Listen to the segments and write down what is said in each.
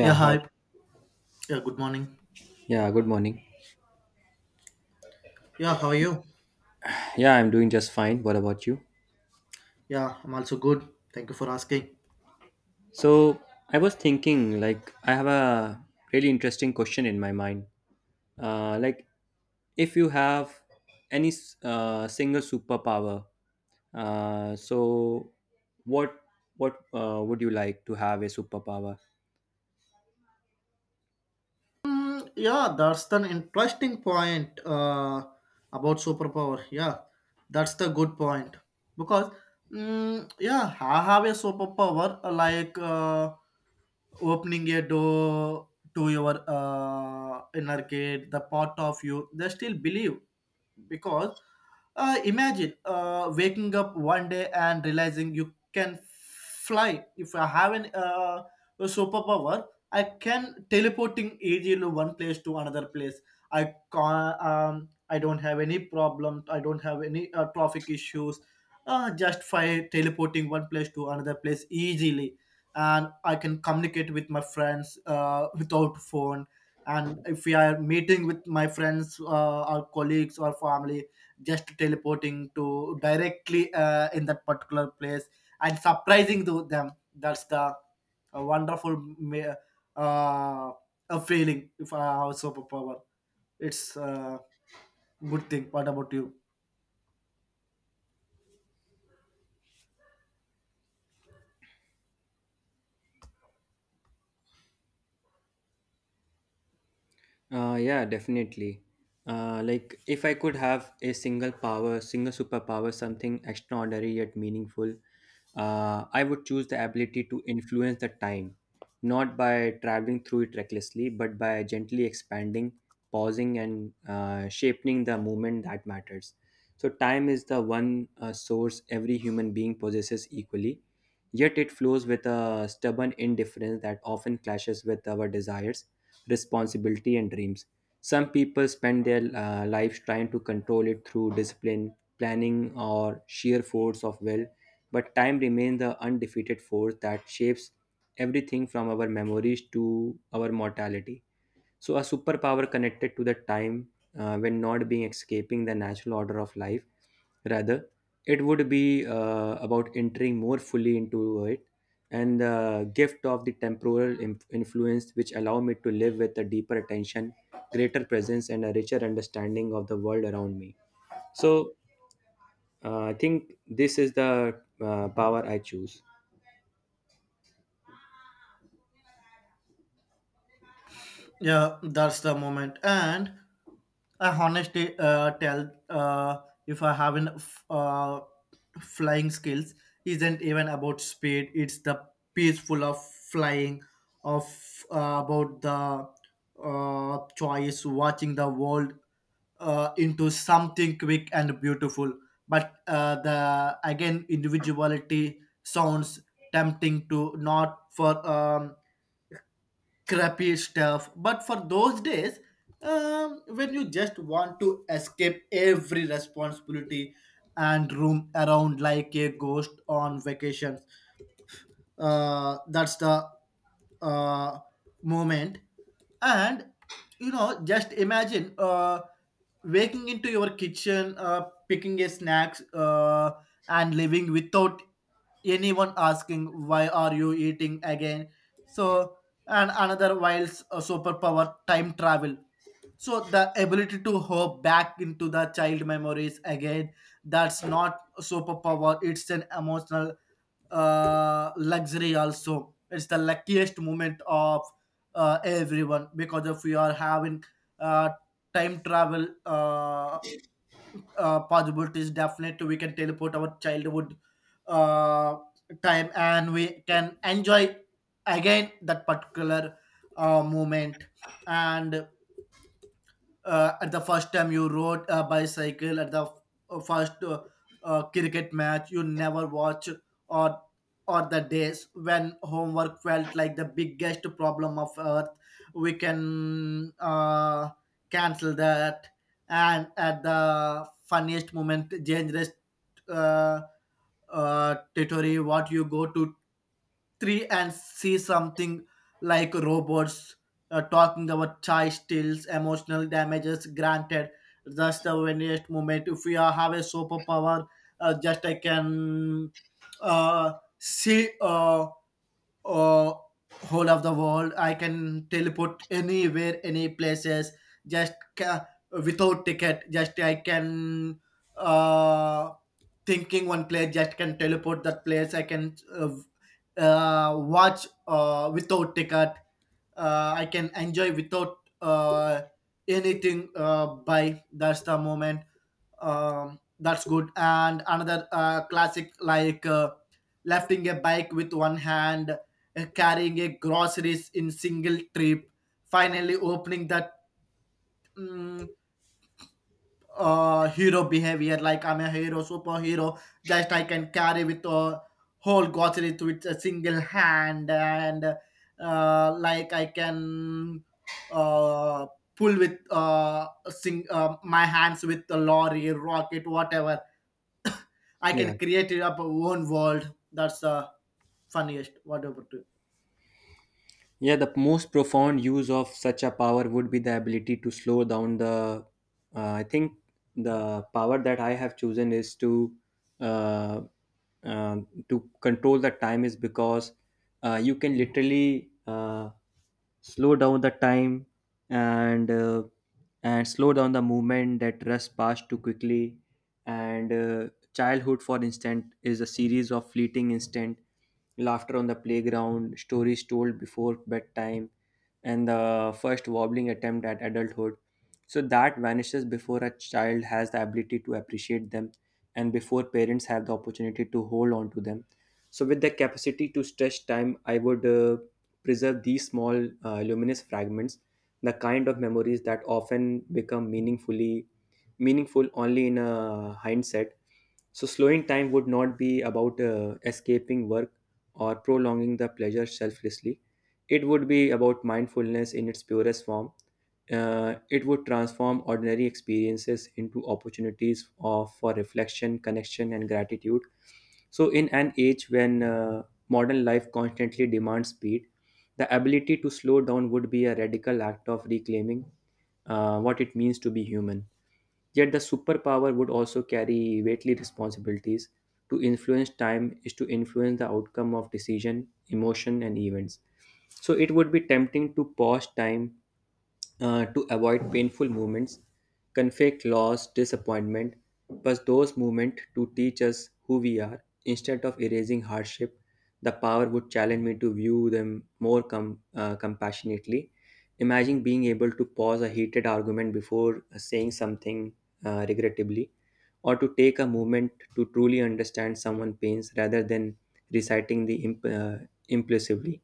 Yeah, hi. hi. Yeah, good morning. Yeah, good morning. Yeah, how are you? Yeah, I'm doing just fine. What about you? Yeah, I'm also good. Thank you for asking. So, I was thinking, like, I have a really interesting question in my mind. Uh, like, if you have any single superpower, so what what would you like to have a superpower? Yeah, that's an interesting point about superpower. Yeah, that's the good point because yeah, I have a superpower like opening a door to your inner gate, the part of you. They still believe because imagine waking up one day and realizing you can fly. If I have an a superpower, I can teleporting easily one place to another place. I can I don't have any problem. I don't have any traffic issues, just by teleporting one place to another place easily. And I can communicate with my friends without phone. And if we are meeting with my friends or colleagues or family, just teleporting to directly in that particular place and surprising to them. That's the a wonderful uh, a feeling. If I have superpower, it's a good thing. What about you? Yeah, definitely. Like if I could have a single power, single superpower, something extraordinary yet meaningful, I would choose the ability to influence the time, not by traveling through it recklessly, but by gently expanding, pausing, and shaping the moment that matters. So time is the one source every human being possesses equally, yet it flows with a stubborn indifference that often clashes with our desires responsibility, and dreams. Some people spend their lives trying to control it through discipline, planning, or sheer force of will, but time remains the undefeated force that shapes everything from our memories to our mortality. So, a superpower connected to the time when not being escaping the natural order of life. Rather, it would be about entering more fully into it, and the gift of the temporal influence which allow me to live with a deeper attention, greater presence, and a richer understanding of the world around me. So I think this is the power I choose. Yeah, that's the moment. And I honestly tell, if I haven't flying skills, isn't even about speed. It's the peaceful of flying, of about the choice, watching the world into something quick and beautiful. But the again individuality sounds tempting to not for crappy stuff. But for those days, when you just want to escape every responsibility and roam around like a ghost on vacations, that's the uh, moment. And you know, just imagine. Waking into your kitchen, picking a snacks, and leaving without anyone asking why are you eating again. So, and another wild's superpower, time travel. So the ability to hop back into the child memories again. That's not a superpower. It's an emotional luxury. Also it's the luckiest moment of everyone, because if we are having uh, time travel possibilities, definitely we can teleport our childhood uh, time and we can enjoy again that particular moment. And at the first time you rode a bicycle, at the first cricket match you never watch, or or the days when homework felt like the biggest problem of earth, we can cancel that. And at the funniest moment, dangerous uh, territory, what you go to three and see something like robots talking about chai stills, emotional damages. Granted, just the very moment. If you have a superpower, just I can uh, see uh, whole of the world. I can teleport anywhere, any places. Just without ticket. Just I can. Uh, Thinking one place, just can teleport that place. I can watch without ticket. I can enjoy without anything, by that's the moment. That's good. And another classic, like lifting a bike with one hand, carrying a groceries in single trip, finally opening that mm hero behavior, like I'm a hero, superhero. Just I can carry with a whole grocery with a single hand. And like I can uh, pull with my hands with the lorry rocket, whatever. I can Yeah. create it up a own world. That's the funniest, whatever. Yeah, the most profound use of such a power would be the ability to slow down the. I think the power that I have chosen is uh, uh, to control the time is because you can literally slow down the time, and uh, and slow down the movement that rush past too quickly. And Childhood, for instance, is a series of fleeting instant laughter on the playground, stories told before bedtime, and the first wobbling attempt at adulthood. So that vanishes before a child has the ability to appreciate them and before parents have the opportunity to hold on to them. So, with the capacity to stretch time, I would preserve these small luminous fragments, the kind of memories that often become meaningful only in a hindsight. So, slowing time would not be about escaping work or prolonging the pleasure selflessly. It would be about mindfulness in its purest form. It would transform ordinary experiences into opportunities of, for reflection, connection, and gratitude. So, in an age when modern life constantly demands speed, the ability to slow down would be a radical act of reclaiming what it means to be human. Yet the superpower would also carry weighty responsibilities. To influence time is to influence the outcome of decision, emotion, and events. So it would be tempting to pause time to avoid painful moments, conflict, loss, disappointment, but those moments to teach us who we are. Instead of erasing hardship, the power would challenge me to view them more compassionately. Imagine being able to pause a heated argument before saying something regrettably, or to take a moment to truly understand someone's pains rather than reciting the impulsively.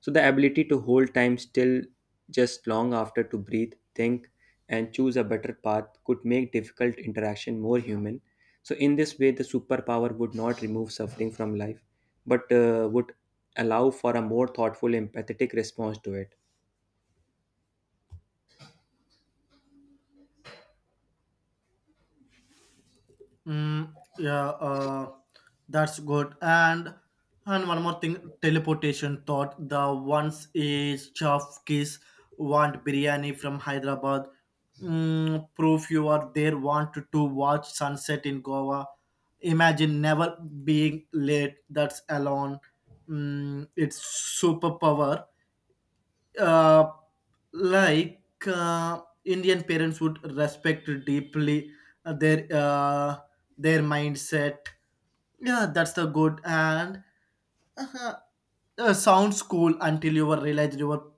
So the ability to hold time still just long after to breathe, think, and choose a better path could make difficult interaction more human. So in this way, the superpower would not remove suffering from life, but would allow for a more thoughtful, empathetic response to it. Yeah, that's good. And one more thing, teleportation thought. The ones is Chafkis want biryani from Hyderabad. Mm, proof you are there. Want to watch sunset in Goa. Imagine never being late. That's alone. Mm, it's superpower, uh, like Indian parents would respect deeply uh, their uh, their mindset. Yeah, that's the good. And uh-huh, sounds cool until you were realize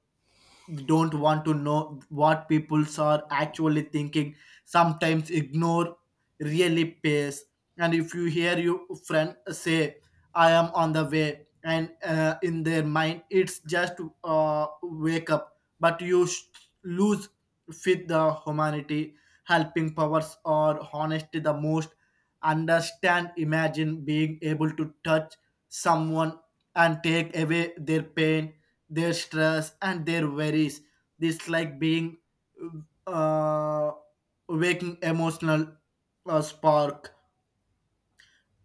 don't want to know what people are actually thinking. Sometimes ignore really pays. And if you hear your friend say, I am on the way, and in their mind, it's just wake up. But you lose with the humanity, helping powers, or honesty the most. Understand, imagine being able to touch someone and take away their pain, their stress, and their worries. This like being uh, waking emotional spark.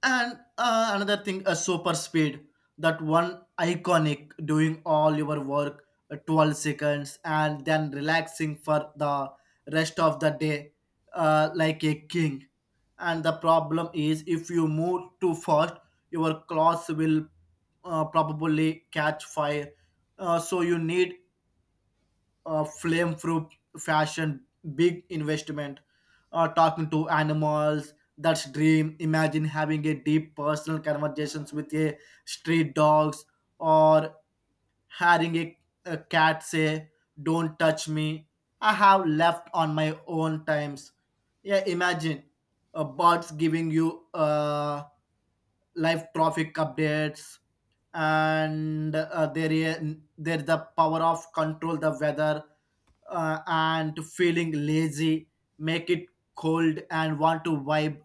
And another thing, a super speed. That one iconic, doing all your work 12 seconds and then relaxing for the rest of the day, like a king. And the problem is if you move too fast, your clothes will probably catch fire. So you need flame proof fashion, big investment. Talking to animals, that's dream. Imagine having a deep personal conversations with a street dogs, or having a cat say, "Don't touch me. I have left on my own times." Yeah, imagine birds giving you live traffic updates. And there is there the power of control the weather, and feeling lazy, make it cold and want to vibe,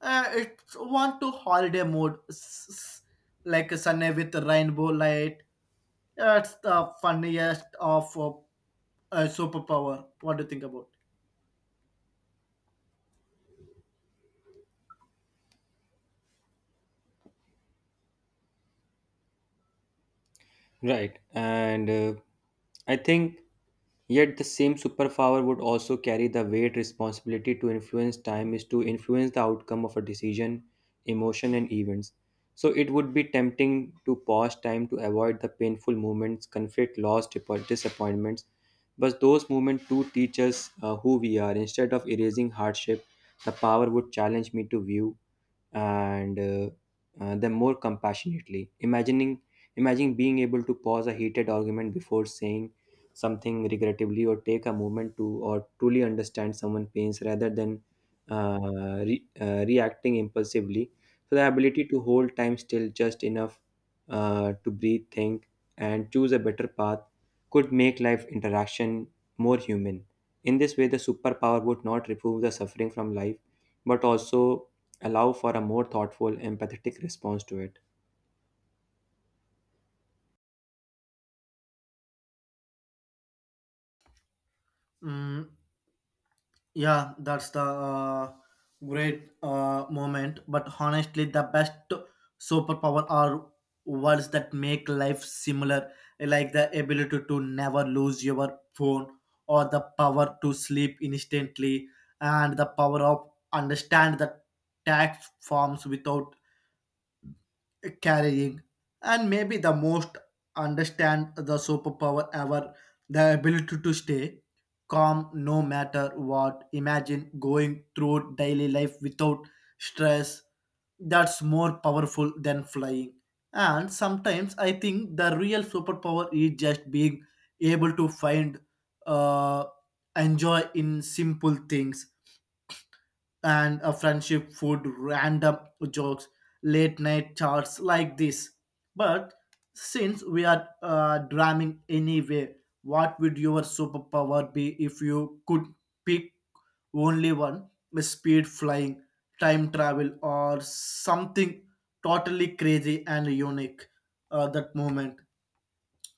it's want to holiday mode like a sunny with rainbow light. That's the funniest of superpower. What do you think about? Right. And I think yet the same superpower would also carry the weight responsibility to influence time is to influence the outcome of a decision, emotion and events. So it would be tempting to pause time to avoid the painful moments, conflict, loss, disappointments. But those moments do teach us who we are. Instead of erasing hardship, the power would challenge me to view and them more compassionately. Imagining being able to pause a heated argument before saying something regrettably, or take a moment to or truly understand someone's pains rather than reacting impulsively. So the ability to hold time still just enough to breathe, think, and choose a better path could make life interaction more human. In this way, the superpower would not remove the suffering from life, but also allow for a more thoughtful, empathetic response to it. Mm, Yeah, that's the great moment. But honestly, the best superpower are words that make life similar, like the ability to never lose your phone, or the power to sleep instantly, and the power of understand the tax forms without carrying. And maybe the most understand the superpower ever, the ability to stay calm no matter what. Imagine going through daily life without stress. That's more powerful than flying. And sometimes I think the real superpower is just being able to find uh, enjoy in simple things, and a friendship, food, random jokes, late night chats like this. But since we are drumming anyway, what would your superpower be if you could pick only one? Speed, flying, time travel, or something totally crazy and unique, that moment.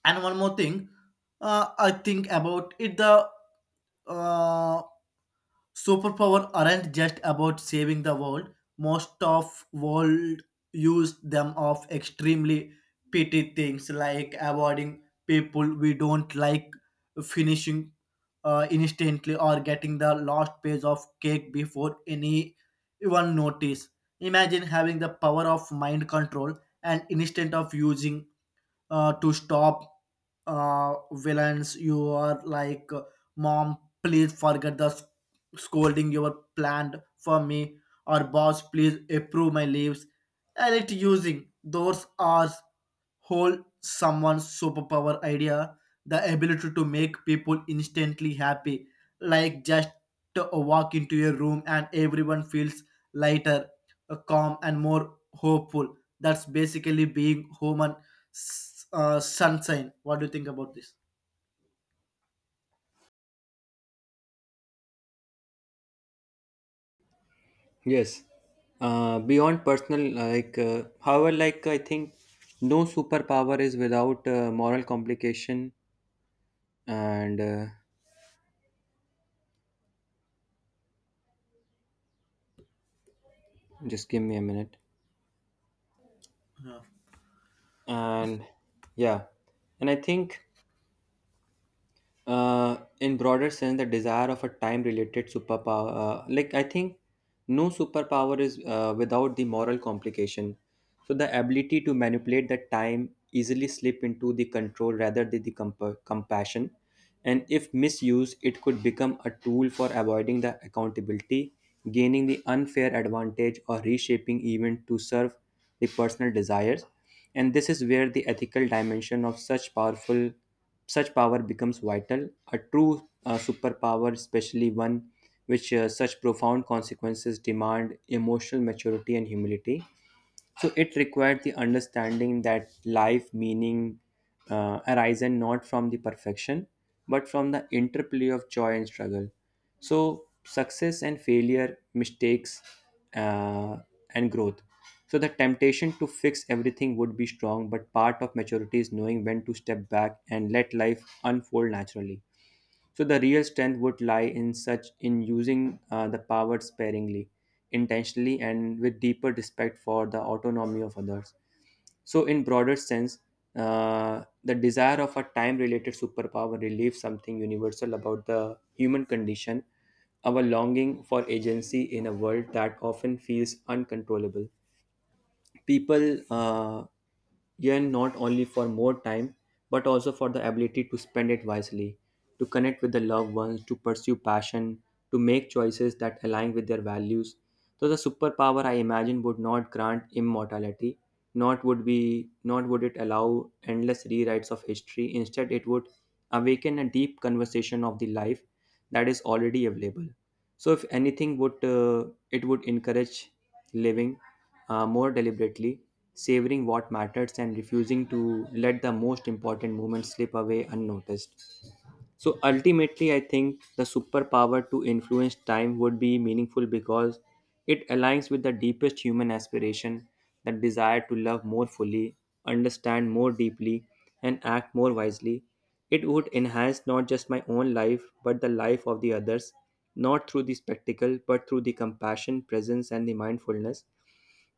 And one more thing, I think about it. The uh, superpower aren't just about saving the world. Most of world use them of extremely petty things, like avoiding people we don't like, finishing instantly, or getting the last piece of cake before anyone notice. Imagine having the power of mind control, and instead of using to stop villains, you are like, mom, please forget the scolding you were planned for me, or boss, please approve my leaves. And it using those are whole someone's superpower idea, the ability to make people instantly happy, like just to walk into a room and everyone feels lighter, calm, and more hopeful. That's basically being human sunshine. What do you think about this? Yes. Beyond personal, like, however, like, I think no superpower is without moral complication. And Just give me a minute. And yeah. And I think in broader sense the desire of a time related superpower, like I think no superpower is without the moral complication. So the ability to manipulate the time easily slip into the control rather than the compassion, and if misused it could become a tool for avoiding the accountability, gaining the unfair advantage, or reshaping event to serve the personal desires. And this is where the ethical dimension of such powerful such power becomes vital, a true superpower, especially one which such profound consequences demand emotional maturity and humility. So it required the understanding that life meaning arisen not from the perfection, but from the interplay of joy and struggle. So success and failure, mistakes uh, and growth. So the temptation to fix everything would be strong, but part of maturity is knowing when to step back and let life unfold naturally. So the real strength would lie in such in using the power sparingly, intentionally, and with deeper respect for the autonomy of others. So, in broader sense, the desire of a time-related superpower relieves something universal about the human condition, our longing for agency in a world that often feels uncontrollable. People yearn not only for more time, but also for the ability to spend it wisely, to connect with the loved ones, to pursue passion, to make choices that align with their values. So the superpower I imagine would not grant immortality, not would be, not would it allow endless rewrites of history. Instead it would awaken a deep conversation of the life that is already available. So if anything would, it would encourage living more deliberately, savoring what matters and refusing to let the most important moments slip away unnoticed. So ultimately, I think the superpower to influence time would be meaningful because it aligns with the deepest human aspiration, the desire to love more fully, understand more deeply, and act more wisely. It would enhance not just my own life but the life of the others, not through the spectacle but through the compassion, presence, and the mindfulness.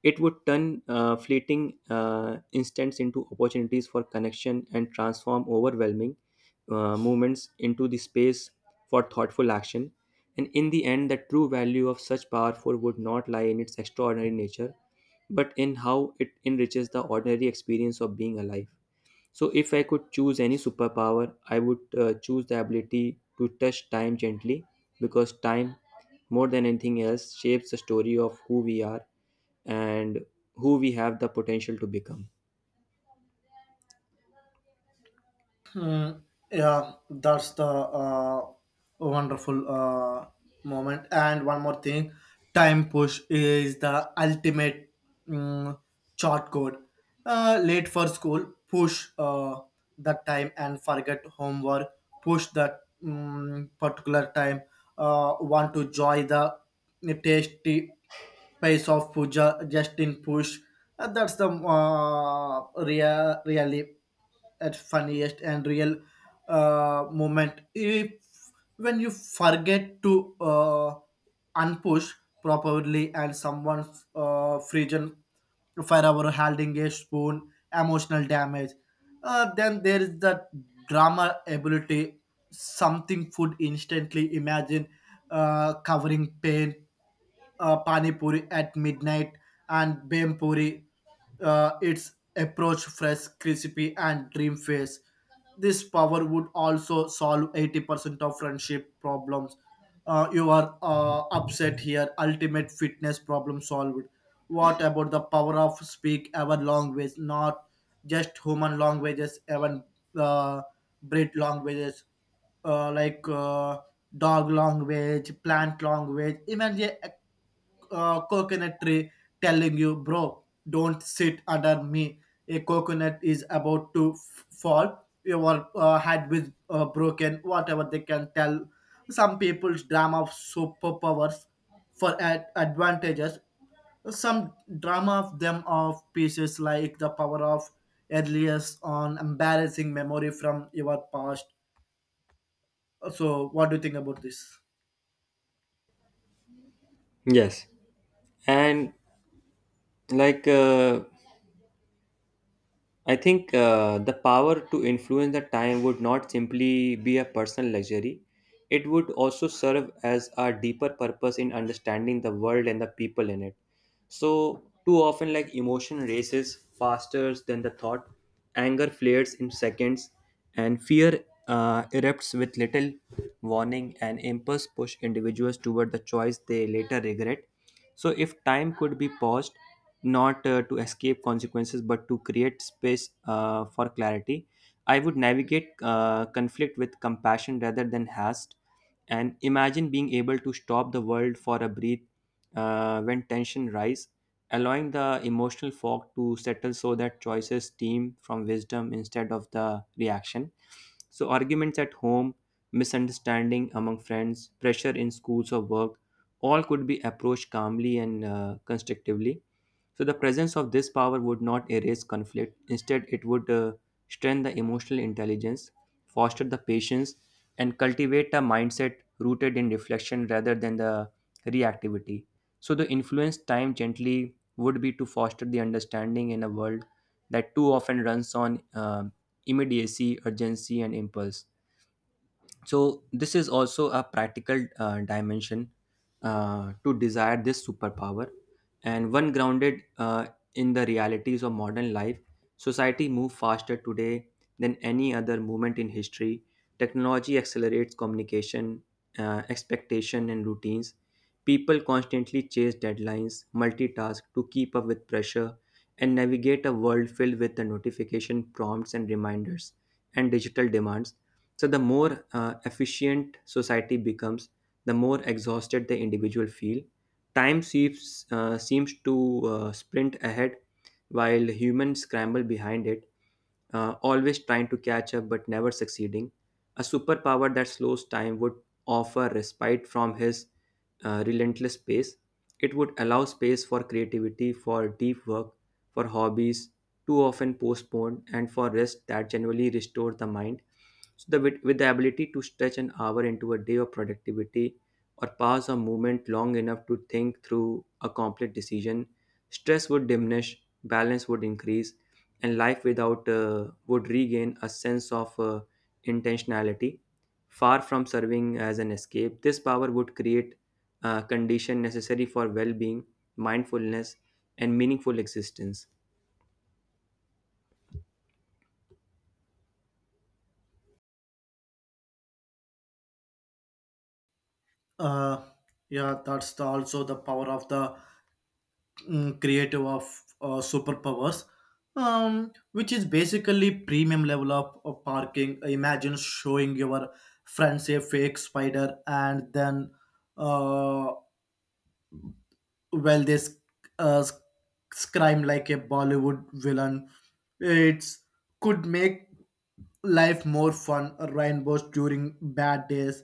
It would turn fleeting instants into opportunities for connection and transform overwhelming moments into the space for thoughtful action. And in the end, the true value of such powerful would not lie in its extraordinary nature, but in how it enriches the ordinary experience of being alive. So, if I could choose any superpower, I would choose the ability to touch time gently, because time, more than anything else, shapes the story of who we are and who we have the potential to become. Hmm. Yeah, that's the wonderful moment. And one more thing, time push is the ultimate mm, short code. Late for school, push the time and forget homework. Push that particular time. Want to join the tasty pace of puja, just in push. That's the really at funniest and real moment if when you forget to unpush properly and someone's frozen forever holding a spoon, emotional damage. Then there is the drama ability, something food instantly. Imagine covering pain, pani puri at midnight and bem puri, its approach fresh crispy and dream face. This power would also solve 80% of friendship problems. You are upset, here ultimate fitness problem solved. What about the power of speak our language, not just human languages, even uh, breed languages, like dog language, plant language, even the coconut tree telling you, bro, don't sit under me. A coconut is about to fall. Your head with broken, whatever they can tell. Some people's drama of superpowers for advantages. Some drama of them of pieces, like the power of earliest on embarrassing memory from your past. So, what do you think about this? Yes. And, like, I think the power to influence the time would not simply be a personal luxury. It would also serve as a deeper purpose in understanding the world and the people in it. So, too often, like emotion races faster than the thought, anger flares in seconds, and fear erupts with little warning, and impulse push individuals toward the choice they later regret. So, if time could be paused, not to escape consequences but to create space for clarity. I would navigate conflict with compassion rather than haste, and imagine being able to stop the world for a breath when tension rise, allowing the emotional fog to settle so that choices stem from wisdom instead of the reaction. So arguments at home, misunderstanding among friends, pressure in schools or work, all could be approached calmly and constructively. So the presence of this power would not erase conflict. Instead, it would strengthen the emotional intelligence, foster the patience, and cultivate a mindset rooted in reflection rather than the reactivity. So the influence time gently would be to foster the understanding in a world that too often runs on immediacy, urgency, and impulse. So this is also a practical dimension to desire this superpower, and one grounded in the realities of modern life. Society moves faster today than any other moment in history. Technology accelerates communication, expectation and routines. People constantly chase deadlines, multitask to keep up with pressure, and navigate a world filled with the notification prompts and reminders and digital demands. So, the more efficient society becomes, the more exhausted the individual feel. Time seems, seems to sprint ahead while humans scramble behind it, always trying to catch up but never succeeding. A superpower that slows time would offer respite from his relentless pace. It would allow space for creativity, for deep work, for hobbies too often postponed, and for rest that genuinely restores the mind. With the ability to stretch an hour into a day of productivity or pass a movement long enough to think through a complex decision, stress would diminish, balance would increase, and life without would regain a sense of intentionality. Far from serving as an escape, this power would create a condition necessary for well-being, mindfulness, and meaningful existence. Uh, yeah, that's also the power of the creative of superpowers, which is basically premium level of parking. Imagine showing your friends a fake spider and then uh, well they uh, sc- scream like a bollywood villain. It's could make life more fun. Rainbows during bad days,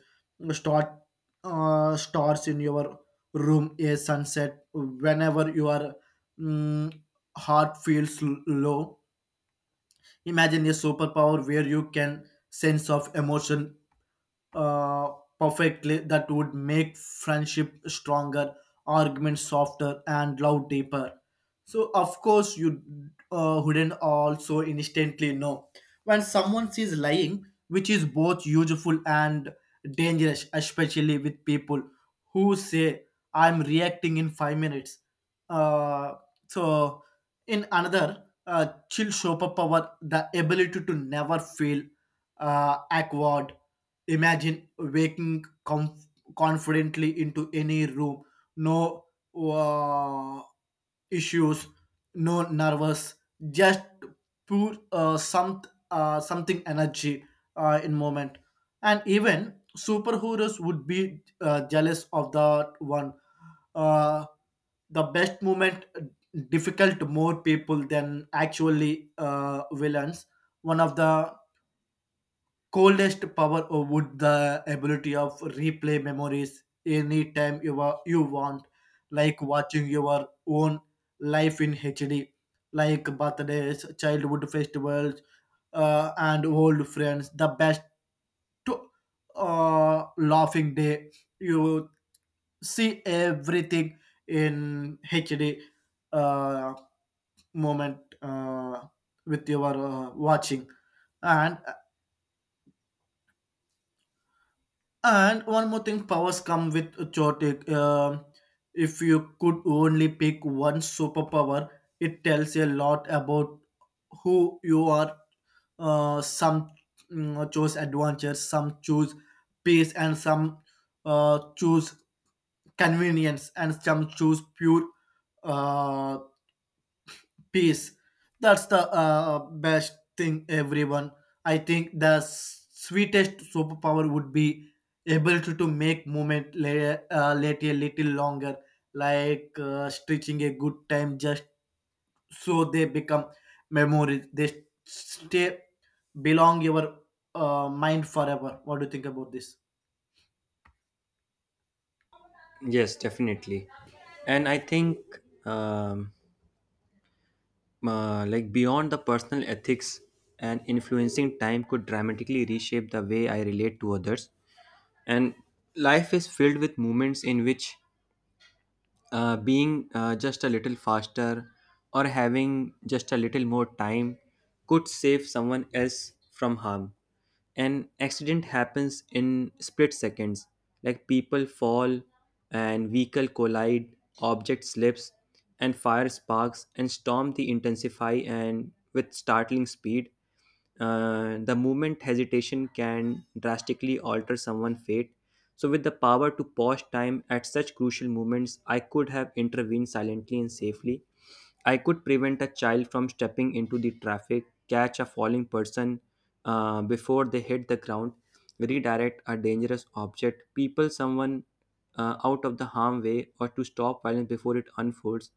start stars in your room, a sunset whenever your mm, heart feels low. Imagine a superpower where you can sense of emotion uh, perfectly. That would make friendship stronger, arguments softer, and love deeper. So of course you wouldn't also instantly know when someone is lying, which is both useful and dangerous, especially with people who say I'm reacting in 5 minutes. uh, so in another chill superpower, the ability to never feel awkward. Imagine waking confidently into any room, no uh, issues, no nervous, just pure something energy in moment. And even superheroes would be jealous of that one. Uh, the best moment, difficult more people than actually villains. One of the coldest power would the ability of replay memories anytime you want, like watching your own life in hd, like birthdays, childhood, festivals, and old friends, the best to, laughing day. You see everything in hd, uh, moment, with your watching. And And one more thing, powers come with a chaotic. If you could only pick one superpower, it tells a lot about who you are. Some choose adventure, some choose peace, and some choose convenience, and some choose pure uh, peace. That's the best thing, everyone. I think the sweetest superpower would be able to make moment late a little longer, like stretching a good time just so they become memories. They stay belong your mind forever. What do you think about this? Yes, definitely. And I think um, like beyond the personal ethics and influencing time could dramatically reshape the way I relate to others, and life is filled with moments in which being just a little faster or having just a little more time could save someone else from harm. An accident happens in split seconds, like people fall and vehicle collide, object slips, and fire sparks and storm the intensify and with startling speed, the movement hesitation can drastically alter someone's fate. So, with the power to pause time at such crucial moments, I could have intervened silently and safely. I could prevent a child from stepping into the traffic, catch a falling person before they hit the ground, redirect a dangerous object, people someone out of the harm way, or to stop violence before it unfolds.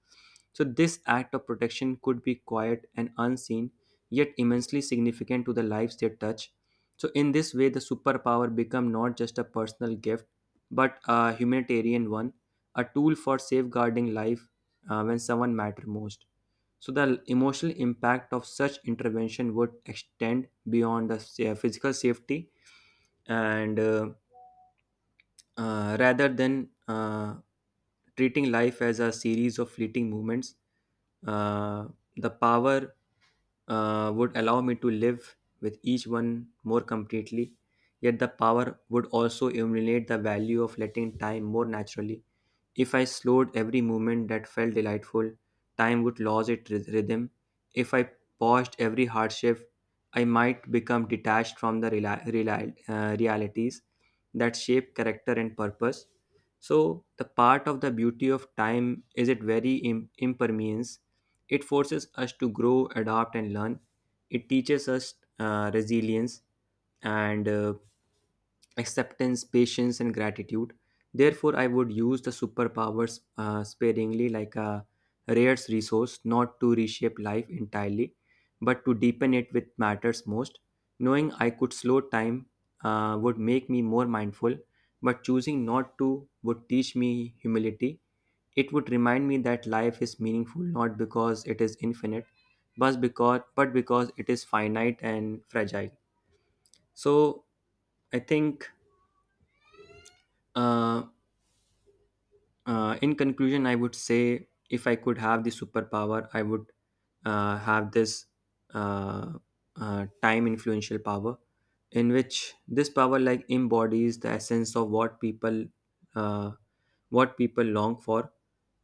So, this act of protection could be quiet and unseen yet immensely significant to the lives they touch. So, in this way, the superpower become not just a personal gift, but a humanitarian one, a tool for safeguarding life when someone matter most. So, the emotional impact of such intervention would extend beyond the physical safety, and rather than treating life as a series of fleeting moments, uh, the power would allow me to live with each one more completely. Yet the power would also illuminate the value of letting time more naturally. If I slowed every movement that felt delightful, time would lose its rhythm. If I paused every hardship, I might become detached from the realities that shape character and purpose. So, the part of the beauty of time is its very impermanence. It forces us to grow, adapt, and learn. It teaches us resilience and acceptance, patience, and gratitude. Therefore, I would use the superpowers sparingly, like a rare resource, not to reshape life entirely, but to deepen it with matters most. Knowing I could slow time would make me more mindful, but choosing not to would teach me humility. It would remind me that life is meaningful not because it is infinite, but because it is finite and fragile. So I think uh, in conclusion, I would say if I could have the superpower, I would have this uh, time influential power, in which this power like embodies the essence of uh, what people long for,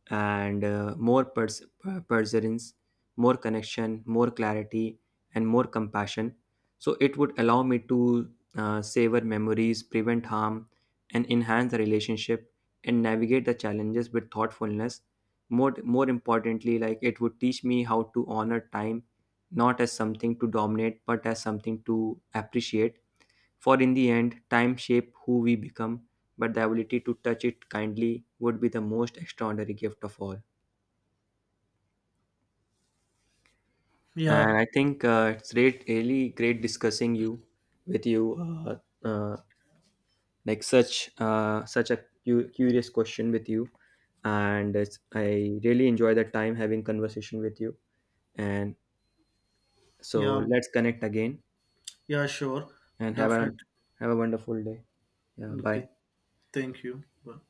and more perseverance, more connection, more clarity, and more compassion. So it would allow me to savor memories, prevent harm, and enhance the relationship and navigate the challenges with thoughtfulness. More importantly, like it would teach me how to honor time, not as something to dominate, but as something to appreciate. For in the end, time shape who we become, but the ability to touch it kindly would be the most extraordinary gift of all. And yeah I think it's great, really great discussing you with you uh, uh, like such a curious question with you, and it's, I really enjoy the time having conversation with you, and so yeah let's connect again yeah, sure. and Definitely. have a wonderful day. Yeah, Okay, bye. thank you. Bye.